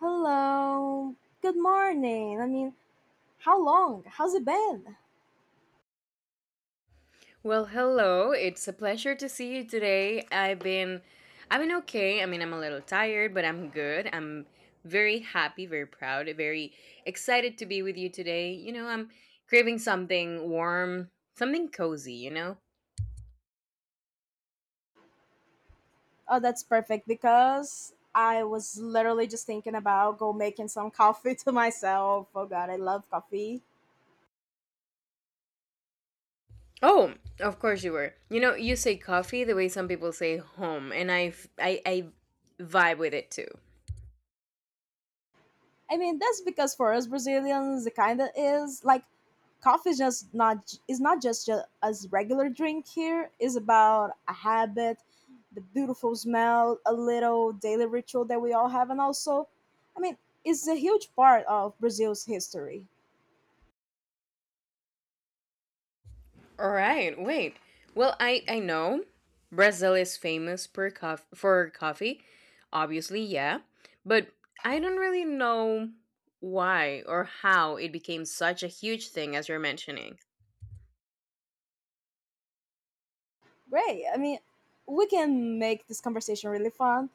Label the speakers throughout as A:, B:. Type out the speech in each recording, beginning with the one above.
A: Hello. Good morning. How long? How's it been?
B: Well, hello. It's a pleasure to see you today. I've been okay. I mean, I'm a little tired, but I'm good. I'm very happy, very proud, very excited to be with you today. You know, I'm craving something warm, something cozy, you know?
A: Oh, that's perfect because I was literally just thinking about go making some coffee to myself. Oh god, I love coffee.
B: Oh, of course you were. You know, you say coffee the way some people say home, and I f- I vibe with it too.
A: I mean, that's because for us Brazilians, it kind of is like coffee is just not is not just as regular drink here. It's about a habit, the beautiful smell, a little daily ritual that we all have, and also, I mean, it's a huge part of Brazil's history.
B: All right, wait. Well, I know Brazil is famous for coffee, obviously, yeah, but I don't really know why or how it became such a huge thing as you're mentioning.
A: Great. I mean, we can make this conversation really fun.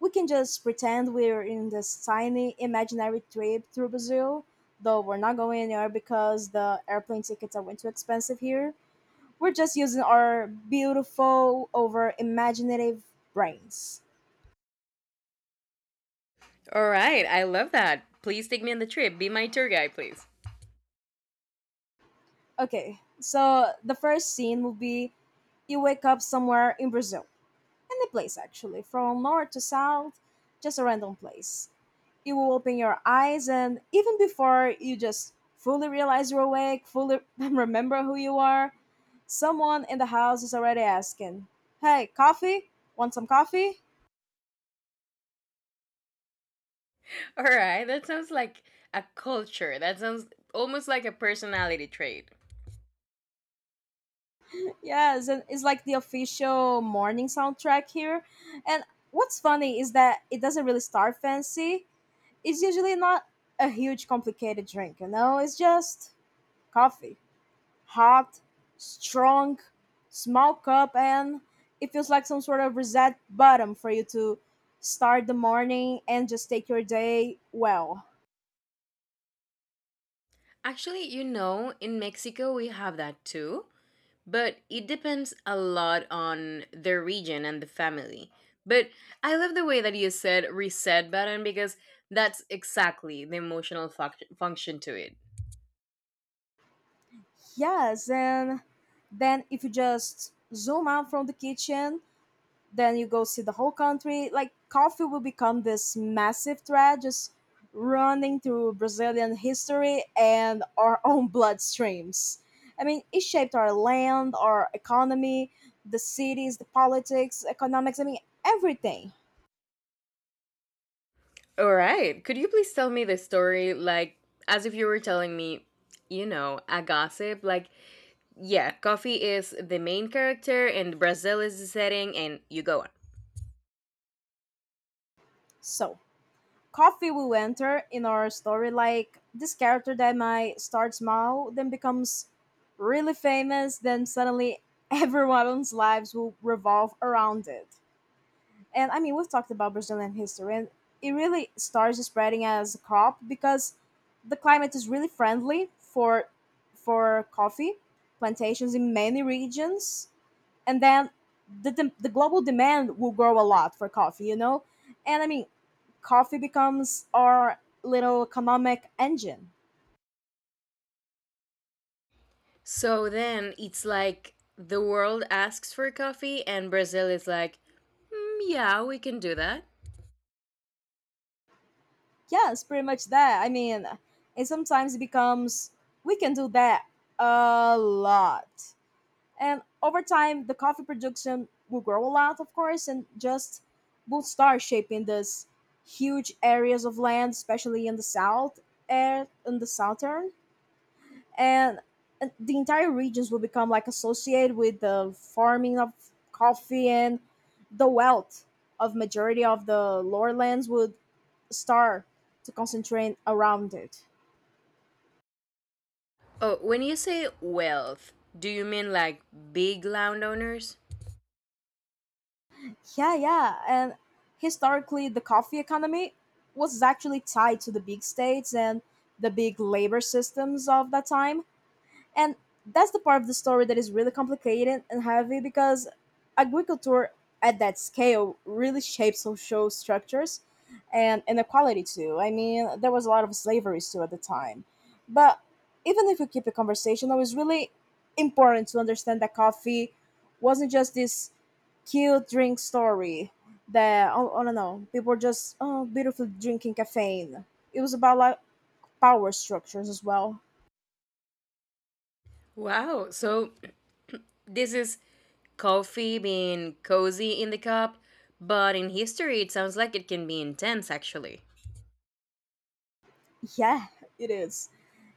A: We can just pretend we're in this tiny imaginary trip through Brazil, though we're not going anywhere because the airplane tickets are way too expensive here. We're just using our beautiful, over imaginative brains.
B: All right, I love that. Please take me on the trip. Be my tour guide, please.
A: Okay, so the first scene will be you wake up somewhere in Brazil. Any place actually, from north to south, just a random place. It will open your eyes, and even before you just fully realize you're awake, fully remember who you are, someone in the house is already asking, "Hey, coffee? Want some coffee?"
B: All right, that sounds like a culture. That sounds almost like a personality trait.
A: Yes, and it's like the official morning soundtrack here. And what's funny is that it doesn't really start fancy. It's usually not a huge complicated drink, you know? It's just coffee. Hot, strong, smoke up, and it feels like some sort of reset button for you to start the morning and just take your day well.
B: Actually, you know, in Mexico we have that too. But it depends a lot on the region and the family. But I love the way that you said reset button because that's exactly the emotional function to it.
A: Yes, and then if you just zoom out from the kitchen, then you go see the whole country, like coffee will become this massive thread just running through Brazilian history and our own bloodstreams. I mean, it shaped our land, our economy, the cities, the politics, economics. I mean, everything.
B: All right. Could you please tell me the story like as if you were telling me, you know, a gossip? Like, yeah, coffee is the main character and Brazil is the setting and you go on.
A: So coffee will enter in our story like this character that might start small, then becomes really famous, then suddenly everyone's lives will revolve around it. And I mean, we've talked about Brazilian history, and it really starts spreading as a crop because the climate is really friendly for coffee plantations in many regions, and then the global demand will grow a lot for coffee, you know. And I mean, coffee becomes our little economic engine.
B: So then it's like the world asks for coffee and Brazil is like, "Mm, yeah, we can do that."
A: Yes, pretty much that. I mean, it sometimes becomes we can do that a lot. And over time, the coffee production will grow a lot, of course, and just will start shaping this huge areas of land, especially in the south and in the southern. And, and the entire regions will become like associated with the farming of coffee, and the wealth of majority of the lower lands would start to concentrate around it.
B: Oh, when you say wealth, do you mean like big landowners?
A: Yeah, yeah. And historically, the coffee economy was actually tied to the big states and the big labor systems of that time. And that's the part of the story that is really complicated and heavy because agriculture at that scale really shapes social structures and inequality too. I mean, there was a lot of slaveries too at the time. But even if you keep it conversational, it's really important to understand that coffee wasn't just this cute drink story that, oh, I don't know, people were just oh beautifully drinking caffeine. It was about like power structures as well.
B: Wow, so this is coffee being cozy in the cup, but in history it sounds like it can be intense actually.
A: Yeah, it is.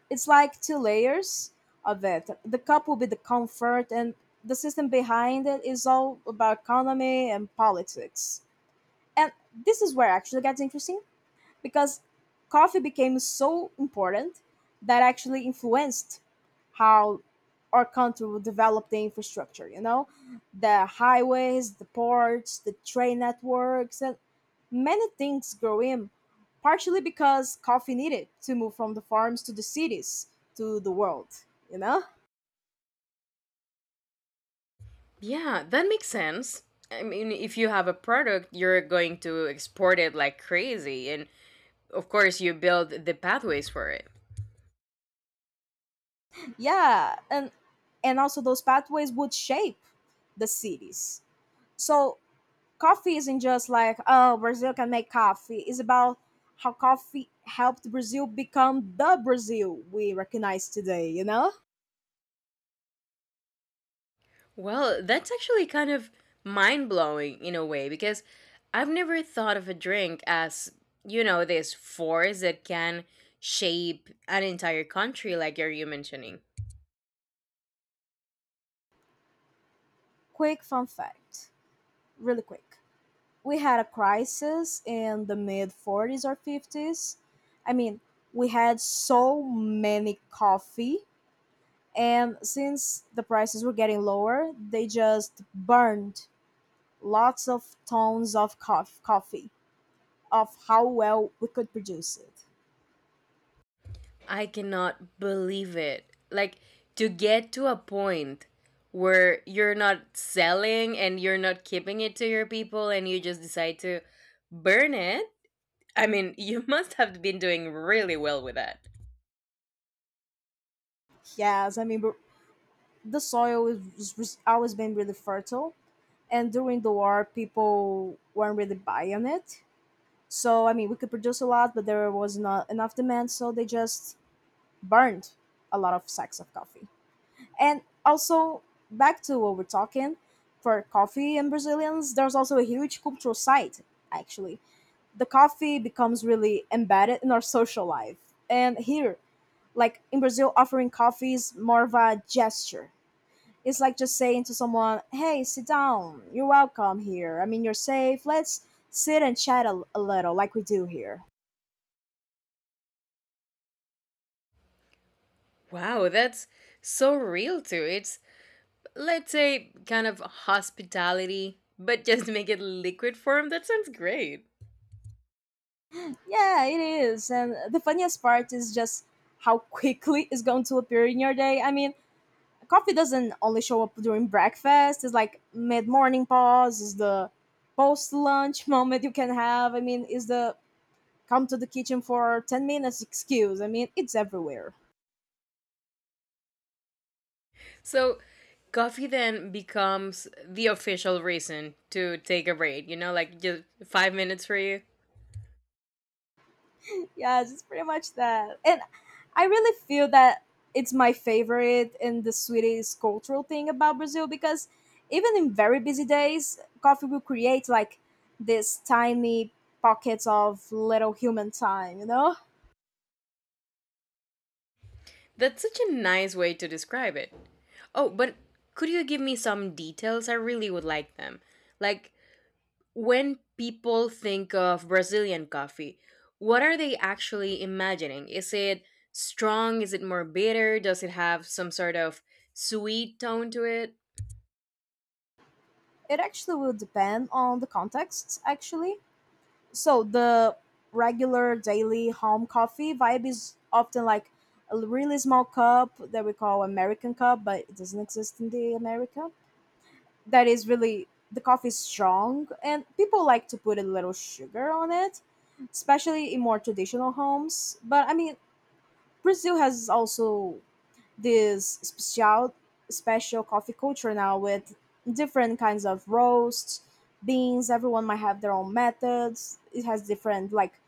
A: It's like two layers of it. The cup will be the comfort, and the system behind it is all about economy and politics. And this is where actually gets interesting because coffee became so important that actually influenced how our country would develop the infrastructure, you know, the highways, the ports, the train networks, and many things grow in partially because coffee needed to move from the farms to the cities to the world, you know.
B: Yeah, that makes sense. I mean, if you have a product, you're going to export it like crazy, and of course, you build the pathways for it.
A: Yeah, and also those pathways would shape the cities. So coffee isn't just like oh Brazil can make coffee, it's about how coffee helped Brazil become the Brazil we recognize today, you know.
B: Well, that's actually kind of mind blowing in a way because I've never thought of a drink as, you know, this force that can shape an entire country like you're you mentioning.
A: Quick fun fact, really quick, we had a crisis in the mid 40s or 50s. I mean, we had so many coffee, and since the prices were getting lower, they just burned lots of tons of coffee of how well we could produce it.
B: I cannot believe it. Like to get to a point where you're not selling and you're not keeping it to your people and you just decide to burn it. I mean, you must have been doing really well with that.
A: Yes, I mean, but the soil was always been really fertile, and during the war, people weren't really buying it. So I mean, we could produce a lot, but there was not enough demand, so they just burned a lot of sacks of coffee. And also, back to what we're talking for coffee and Brazilians, there's also a huge cultural side. Actually, the coffee becomes really embedded in our social life, and here, like in Brazil, offering coffee is more of a gesture. It's like just saying to someone, "Hey, sit down. You're welcome here. I mean, you're safe. Let's sit and chat a little like we do here."
B: Wow, that's so real too. It's let's say kind of hospitality, but just make it liquid form. That sounds great.
A: Yeah, it is. And the funniest part is just how quickly it's going to appear in your day. I mean, coffee doesn't only show up during breakfast, it's like mid morning pause, is the post lunch moment you can have. I mean, is the come to the kitchen for 10 minutes excuse. I mean, it's everywhere.
B: So coffee then becomes the official reason to take a break, you know, like just 5 minutes for you.
A: Yeah, just pretty much that. And I really feel that it's my favorite and the sweetest cultural thing about Brazil because even in very busy days, coffee will create like these tiny pockets of little human time, you know?
B: That's such a nice way to describe it. Oh, but could you give me some details? I really would like them. Like when people think of Brazilian coffee, what are they actually imagining? Is it strong? Is it more bitter? Does it have some sort of sweet tone to it?
A: It actually will depend on the context, actually. So the regular daily home coffee vibe is often like a really small cup that we call American cup, but it doesn't exist in the America. That is really the coffee is strong and people like to put a little sugar on it, especially in more traditional homes. But I mean, Brazil has also this special coffee culture now with different kinds of roasts, beans, everyone might have their own methods, it has different like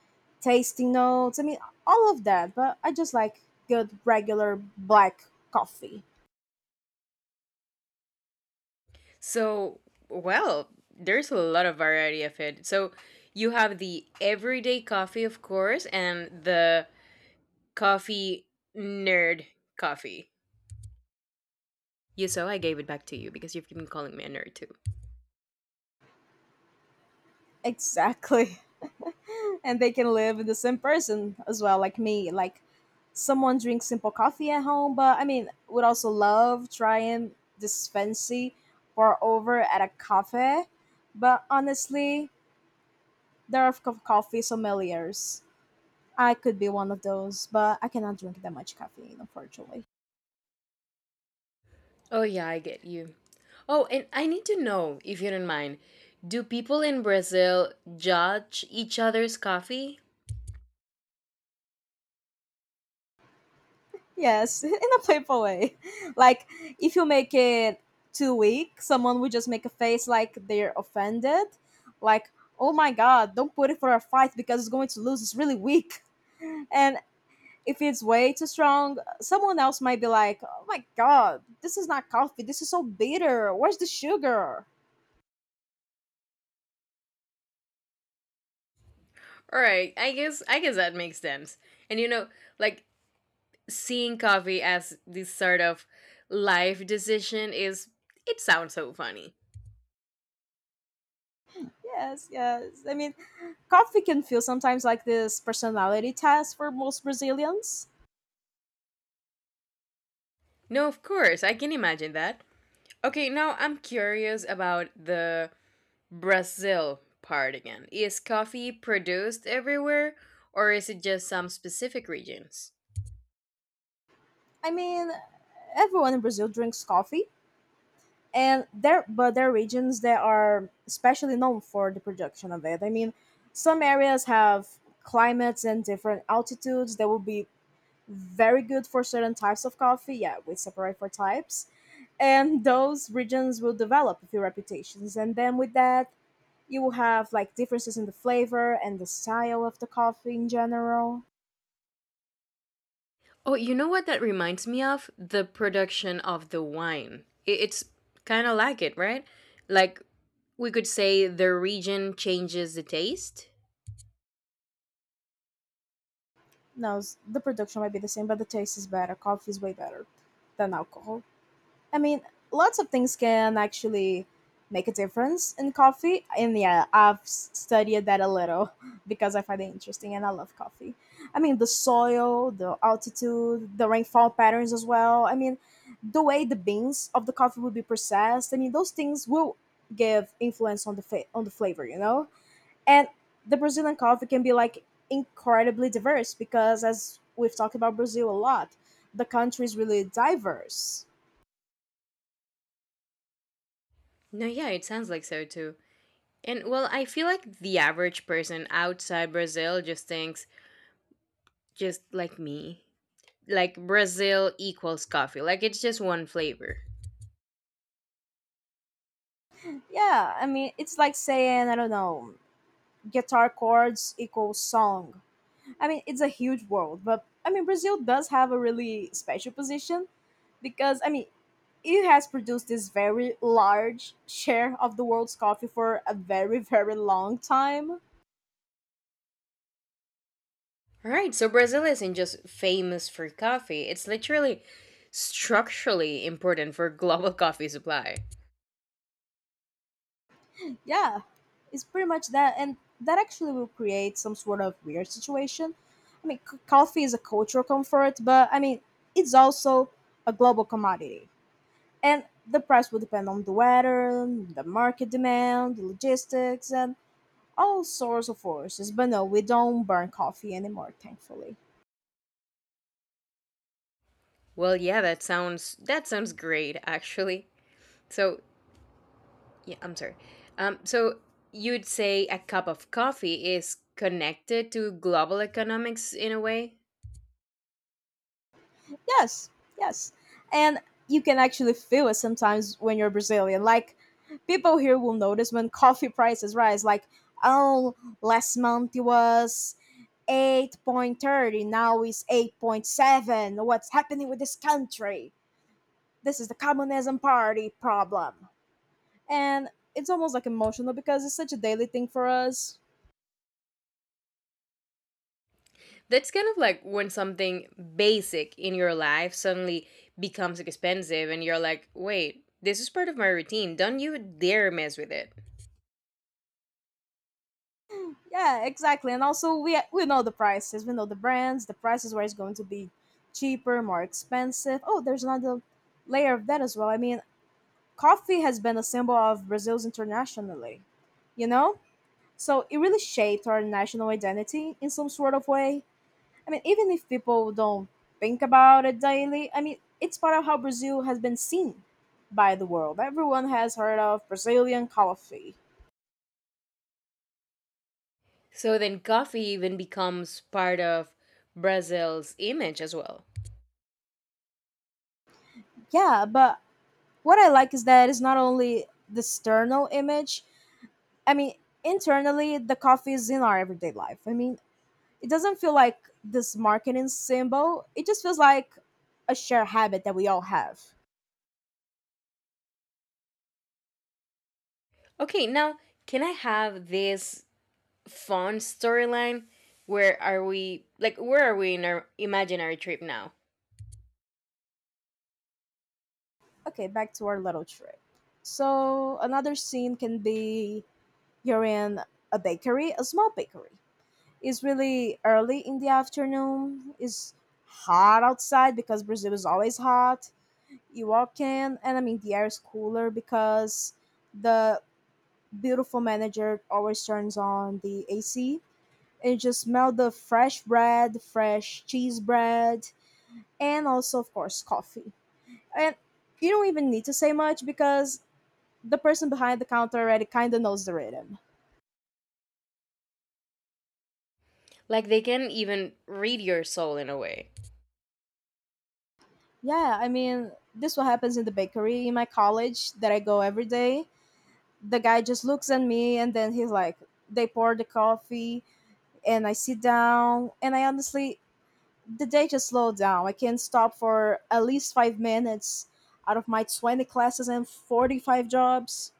A: tasting notes. I mean, all of that, but I just like good regular black coffee.
B: So, well, there's a lot of variety of it. So, you have the everyday coffee, of course, and the coffee nerd coffee. You so I gave it back to you because you've been calling me a nerd too.
A: Exactly. And they can live this in the same person as well, like me. Like someone drinks simple coffee at home, but I mean, would also love trying this fancy pour over at a cafe. But honestly, there are coffee sommeliers. I could be one of those, but I cannot drink that much caffeine, unfortunately.
B: Oh, yeah, I get you. Oh, and I need to know, if you don't mind, do people in Brazil judge each other's coffee?
A: Yes, in a playful way. Like if you make it too weak, someone would just make a face like they're offended. Like, oh my god, don't put it for a fight because it's going to lose. It's really weak. And if it's way too strong, someone else might be like, oh my god, this is not coffee. This is so bitter. Where's the sugar?
B: All right, I guess that makes sense. And you know, like seeing coffee as this sort of life decision is it sounds so funny.
A: Yes, yes. I mean, coffee can feel sometimes like this personality test for most Brazilians.
B: No, of course, I can imagine that. Okay, now I'm curious about the Brazil part again. Is coffee produced everywhere or is it just some specific regions?
A: I mean, everyone in Brazil drinks coffee, and there but there are regions that are especially known for the production of it. I mean, some areas have climates and different altitudes that will be very good for certain types of coffee. Yeah, we separate for types, and those regions will develop a few reputations, and then with that you will have like differences in the flavor and the style of the coffee in general.
B: Oh, you know what that reminds me of? The production of the wine. It's kind of like it, right? Like we could say the region changes the taste.
A: No, the production might be the same, but the taste is better. Coffee is way better than alcohol. I mean, lots of things can actually make a difference in coffee. And yeah, I've studied that a little because I find it interesting and I love coffee. I mean, the soil, the altitude, the rainfall patterns as well. I mean, the way the beans of the coffee will be processed. I mean, those things will give influence on on the flavor, you know? And the Brazilian coffee can be like incredibly diverse because as we've talked about Brazil a lot, the country is really diverse.
B: No, yeah, it sounds like so too. And well, I feel like the average person outside Brazil just thinks, just like me, like Brazil equals coffee. Like it's just one flavor.
A: Yeah, I mean, it's like saying, I don't know, guitar chords equals song. I mean, it's a huge world, but I mean, Brazil does have a really special position because, I mean, it has produced this very large share of the world's coffee for a very, very long time.
B: All right, so Brazil isn't just famous for coffee, it's literally structurally important for global coffee supply.
A: Yeah, it's pretty much that. And that actually will create some sort of weird situation. I mean, coffee is a cultural comfort, but I mean, it's also a global commodity. And the price will depend on the weather, the market demand, the logistics, and all sorts of forces. But no, we don't burn coffee anymore, thankfully.
B: Well, yeah, that sounds great actually. So, yeah, I'm sorry. So you'd say a cup of coffee is connected to global economics in a way?
A: Yes, yes. And you can actually feel it sometimes when you're Brazilian. Like, people here will notice when coffee prices rise. Like, oh, last month it was 8.30, now it's 8.7. What's happening with this country? This is the communism party problem. And it's almost like emotional because it's such a daily thing for us.
B: That's kind of like when something basic in your life suddenly becomes expensive and you're like, "Wait, this is part of my routine. Don't you dare mess with it."
A: Yeah, exactly. And also we know the prices, we know the brands, the prices where it's going to be cheaper, more expensive. Oh, there's another layer of that as well. I mean, coffee has been a symbol of Brazil's internationally, you know? So it really shaped our national identity in some sort of way. I mean, even if people don't think about it daily, I mean, it's part of how Brazil has been seen by the world. Everyone has heard of Brazilian coffee.
B: So then coffee even becomes part of Brazil's image as well.
A: Yeah, but what I like is that it's not only the external image, I mean, internally, the coffee is in our everyday life. I mean, it doesn't feel like this marketing symbol, it just feels like a shared habit that we all have.
B: Okay, now can I have this fun storyline where are we in our imaginary trip now?
A: Okay, back to our little trip. So, another scene can be, you're in a bakery, a small bakery. It's really early in the afternoon. It's hot outside because Brazil is always hot. You walk in, and I mean, the air is cooler because the beautiful manager always turns on the AC. And you just smell the fresh bread, fresh cheese bread, and also, of course, coffee. And you don't even need to say much because the person behind the counter already kind of knows the rhythm.
B: Like they can even read your soul in a way.
A: Yeah, I mean, this what happens in the bakery in my college that I go every day. The guy just looks at me and then he's like, they pour the coffee and I sit down and I honestly the day just slowed down. I can't stop for at least 5 minutes out of my 20 classes and 45 jobs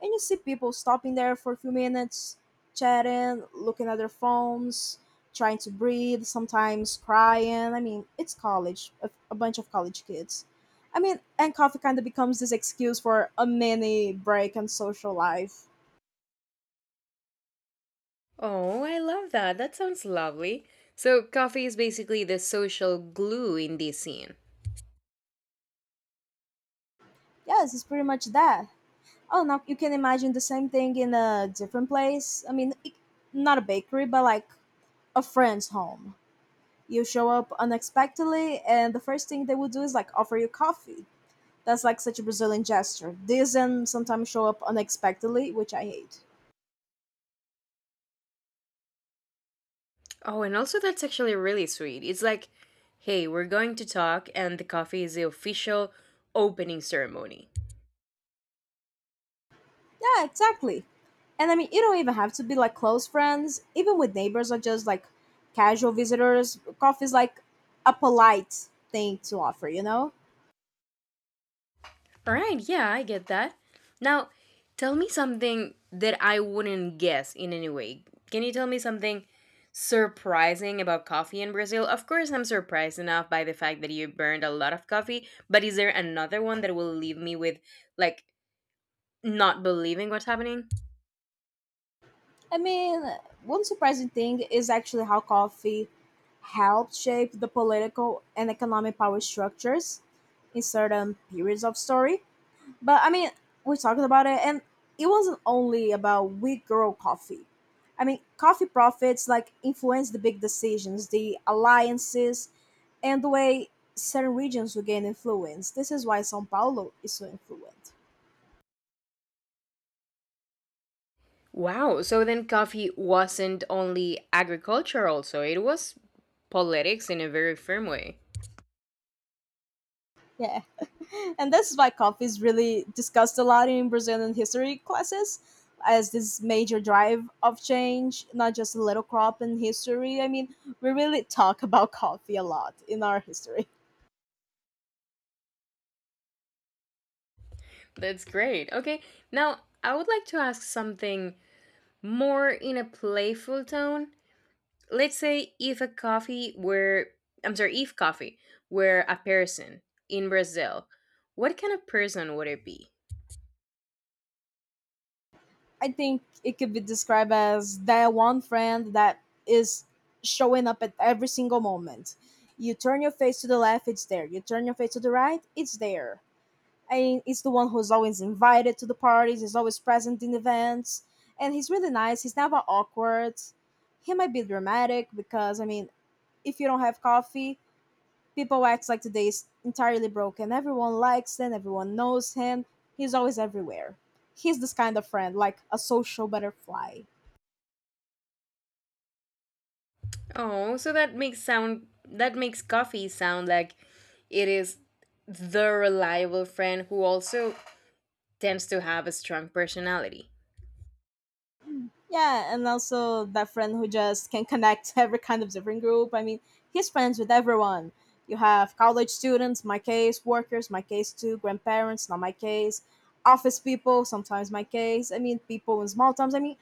A: and you see people stopping there for a few minutes, chatting, looking at their phones, trying to breathe, sometimes crying. I mean, it's college, a bunch of college kids. I mean, and coffee kind of becomes this excuse for a mini break and social life.
B: Oh, I love that. That sounds lovely. So coffee is basically the social glue in this scene.
A: Yes, it's pretty much that. Oh, now you can imagine the same thing in a different place. I mean, it, not a bakery, but like a friend's home. You show up unexpectedly, and the first thing they will do is like offer you coffee. That's like such a Brazilian gesture. These and sometimes show up unexpectedly, which I hate.
B: Oh, and also that's actually really sweet. It's like, hey, we're going to talk and the coffee is the official opening ceremony.
A: Yeah, exactly. And I mean, you don't even have to be like close friends. Even with neighbors or just like casual visitors, coffee is like a polite thing to offer, you know?
B: All right, yeah, I get that. Now, tell me something that I wouldn't guess in any way. Can you tell me something surprising about coffee in Brazil? Of course, I'm surprised enough by the fact that you burned a lot of coffee, but is there another one that will leave me with, like, not believing what's happening?
A: I mean, one surprising thing is actually how coffee helped shape the political and economic power structures in certain periods of story. But I mean, we talked about it, and it wasn't only about we grow coffee. I mean, coffee profits like influence the big decisions, the alliances, and the way certain regions will gain influence. This is why São Paulo is so influent.
B: Wow, so then coffee wasn't only agriculture, also, it was politics in a very firm way.
A: Yeah, and this is why coffee is really discussed a lot in Brazilian history classes as this major drive of change, not just a little crop in history. I mean, we really talk about coffee a lot in our history.
B: That's great. Okay, now I would like to ask something more in a playful tone. Let's say if a coffee were, I'm sorry, if coffee were a person in Brazil, what kind of person would it be?
A: I think it could be described as that one friend that is showing up at every single moment. You turn your face to the left, it's there. You turn your face to the right, it's there. And it's the one who's always invited to the parties, is always present in events, and he's really nice. He's never awkward. He might be dramatic because, I mean, if you don't have coffee, people act like today is entirely broken. Everyone likes him, everyone knows him. He's always everywhere. He's this kind of friend, like a social butterfly.
B: Oh, so that makes sound that makes coffee sound like it is the reliable friend who also tends to have a strong personality.
A: Yeah, and also that friend who just can connect every kind of different group. I mean, he's friends with everyone. You have college students, my case, workers, my case too, grandparents, not my case, office people, sometimes my case. I mean, people in small towns. I mean,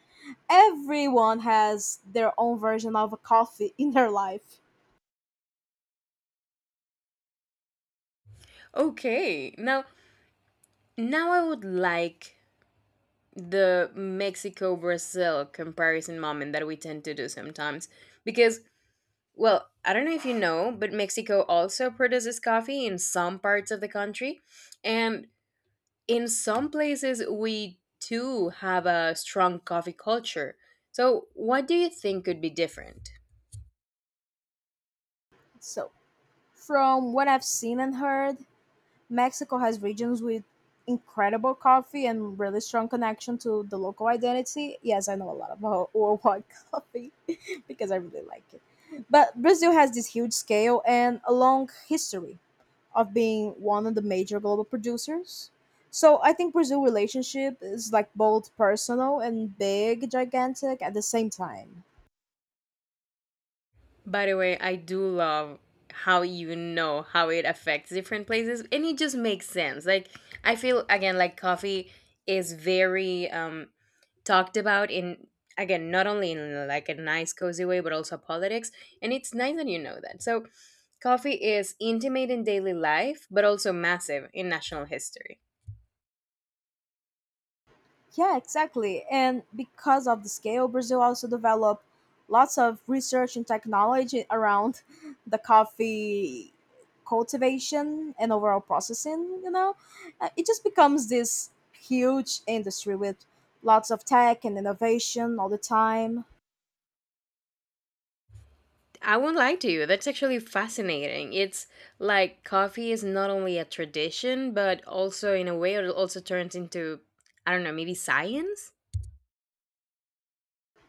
A: everyone has their own version of a coffee in their life.
B: Okay. Now, now I would like the Mexico Brazil comparison moment that we tend to do sometimes because well, I don't know if you know, but Mexico also produces coffee in some parts of the country, and in some places we too have a strong coffee culture. So, what do you think could be different?
A: So from what I've seen and heard, Mexico has regions with incredible coffee and really strong connection to the local identity. Yes, I know a lot about worldwide coffee because I really like it. But Brazil has this huge scale and a long history of being one of the major global producers. So I think Brazil relationship is like both personal and big, gigantic at the same time.
B: By the way, I do love how you know how it affects different places and it just makes sense. Like I feel again like coffee is very talked about in again not only in like a nice cozy way but also politics and it's nice that you know that. So coffee is intimate in daily life but also massive in national history.
A: Yeah, exactly. And because of the scale, Brazil also developed lots of research and technology around the coffee cultivation and overall processing, you know? It just becomes this huge industry with lots of tech and innovation all the time.
B: I won't lie to you. That's actually fascinating. It's like coffee is not only a tradition, but also in a way it also turns into, I don't know, maybe science?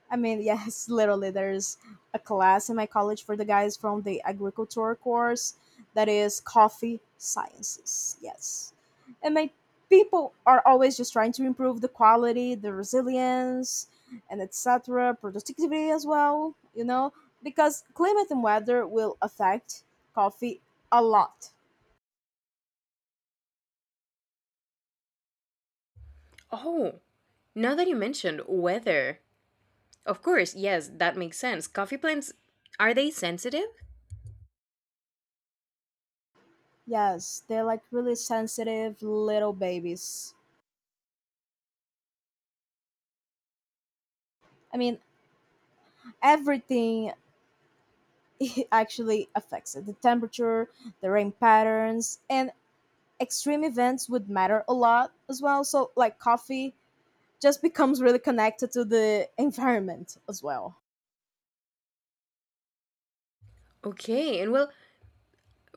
A: I mean, yes, literally, there's a class in my college for the guys from the agriculture course that is coffee sciences. Yes. And my people are always just trying to improve the quality, the resilience, and etc. productivity as well, you know, because climate and weather will affect coffee a lot.
B: Oh, now that you mentioned weather. Of course, yes, that makes sense. Coffee plants, are they sensitive?
A: Yes, they're like really sensitive little babies. I mean, everything it actually affects it. The temperature, the rain patterns, and extreme events would matter a lot as well. So, like coffee just becomes really connected to the environment as well.
B: Okay, and well,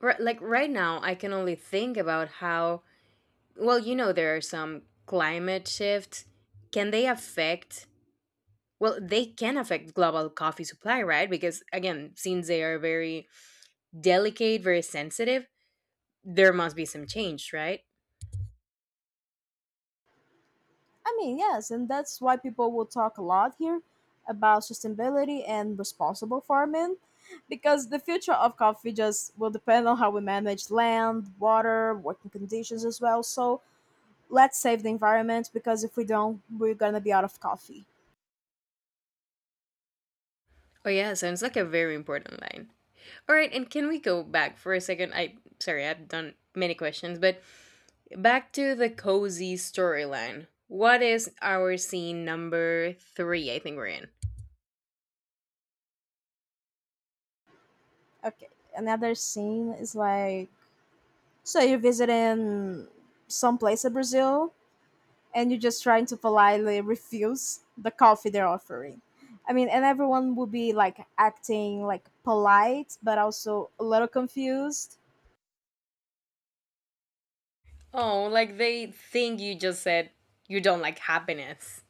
B: like right now, I can only think about how, well, you know, there are some climate shifts. Can they affect well, they can affect global coffee supply, right? Because again, since they are very delicate, very sensitive, there must be some change, right?
A: I mean, yes, and that's why people will talk a lot here about sustainability and responsible farming because the future of coffee just will depend on how we manage land, water, working conditions as well. So, let's save the environment because if we don't, we're going to be out of coffee.
B: Oh yeah, sounds like a very important line. All right, and can we go back for a second? I sorry, I've done many questions, but back to the cozy storyline. What is our scene number three? I think we're in.
A: Okay. Another scene is like, so you're visiting some place in Brazil and you're just trying to politely refuse the coffee they're offering. I mean, and everyone will be like acting like polite but also a little confused.
B: Oh, like they think you just said you don't like happiness.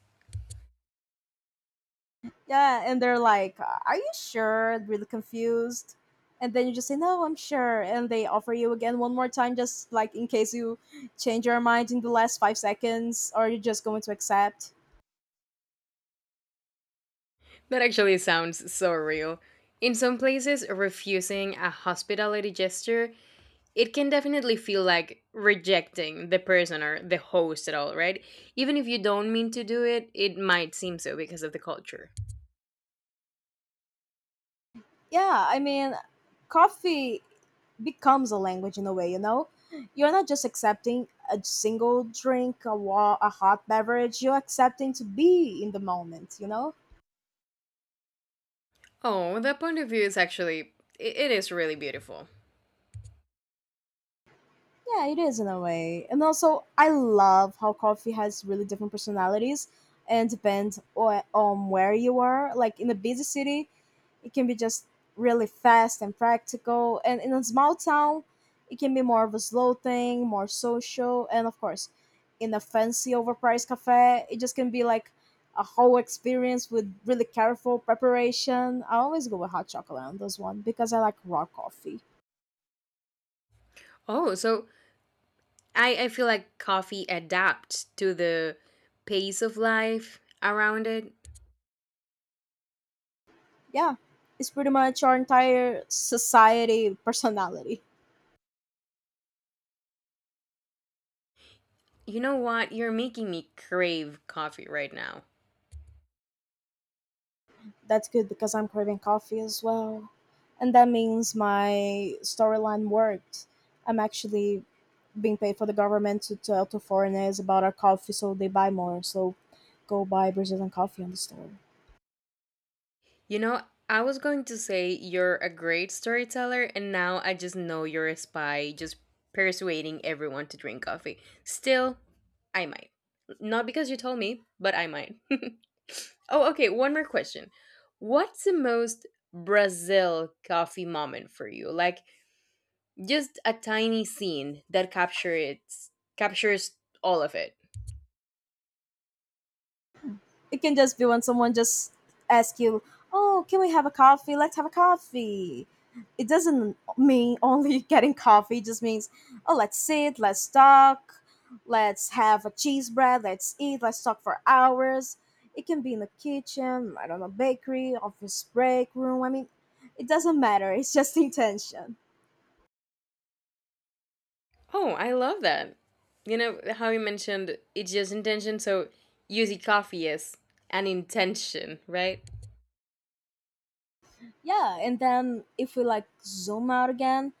A: Yeah, and they're like, "Are you sure?" Really confused. And then you just say, "No, I'm sure." And they offer you again one more time just like in case you change your mind in the last 5 seconds or you're just going to accept.
B: That actually sounds so real. In some places, refusing a hospitality gesture, it can definitely feel like rejecting the person or the host at all, right? Even if you don't mean to do it, it might seem so because of the culture.
A: Yeah, I mean, coffee becomes a language in a way, you know? You're not just accepting a single drink, a, a hot beverage, you're accepting to be in the moment, you know?
B: Oh, that point of view is actually, it is really beautiful.
A: Yeah, it is in a way. And also, I love how coffee has really different personalities and depends on where you are. Like in a busy city, it can be just really fast and practical. And in a small town, it can be more of a slow thing, more social. And of course, in a fancy overpriced cafe, it just can be like a whole experience with really careful preparation. I always go with hot chocolate on this one because I like raw coffee.
B: Oh, so I feel like coffee adapts to the pace of life around it.
A: Yeah, it's pretty much our entire society personality.
B: You know what? You're making me crave coffee right now.
A: That's good because I'm craving coffee as well. And that means my storyline worked. I'm actually being paid for the government to tell to foreigners about our coffee so they buy more. So go buy Brazilian coffee on the store.
B: You know, I was going to say you're a great storyteller, and now I just know you're a spy, just persuading everyone to drink coffee. Still, I might. Not because you told me, but I might. Oh, okay, one more question. What's the most Brazil coffee moment for you? Like just a tiny scene that captures all of it.
A: It can just be when someone just asks you, "Oh, can we have a coffee? Let's have a coffee." It doesn't mean only getting coffee. It just means, "Oh, let's sit, let's talk, let's have a cheese bread, let's eat, let's talk for hours." It can be in the kitchen, I don't know, bakery, office break room. I mean, it doesn't matter. It's just intention.
B: Oh, I love that. You know how you mentioned it's just intention, so using coffee as an intention, right?
A: Yeah, and then if we like zoom out again,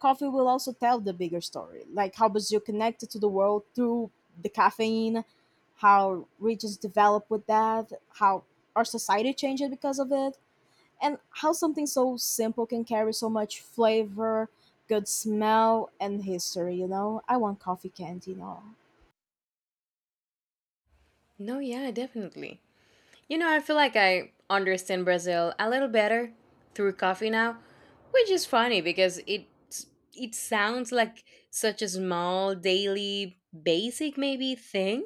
A: coffee will also tell the bigger story, like how Brazil connected to the world through the caffeine, how regions developed with that, how our society changed because of it, and how something so simple can carry so much flavor, good smell, and history. You know, I want coffee candy now.
B: No, yeah, definitely. You know, I feel like I understand Brazil a little better through coffee now, which is funny because it sounds like such a small daily basic maybe thing.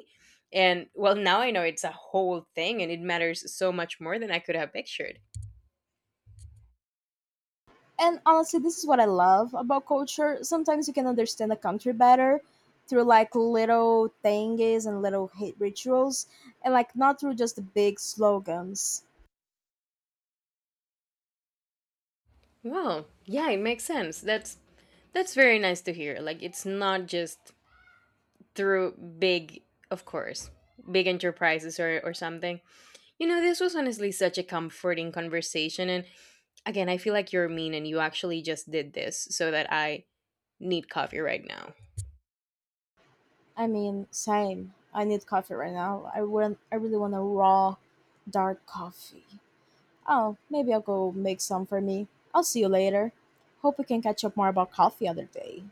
B: And well, now I know it's a whole thing and it matters so much more than I could have pictured.
A: And honestly, this is what I love about culture. Sometimes you can understand a country better through like little thingies and little hit rituals, and like not through just the big slogans.
B: Wow. Yeah, it makes sense. That's very nice to hear. Like it's not just through big, of course, big enterprises or something. You know, this was honestly such a comforting conversation and again, I feel like you're mean and you actually just did this so that I need coffee right now.
A: I mean, same. I need coffee right now. I want. I really want a raw, dark coffee. Oh, maybe I'll go make some for me. I'll see you later. Hope we can catch up more about coffee other day.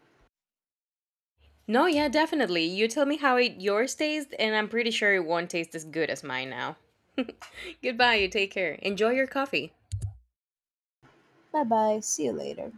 B: No, yeah, definitely. You tell me how it yours tastes and I'm pretty sure it won't taste as good as mine now. Goodbye, you take care. Enjoy your coffee.
A: Bye bye. See you later.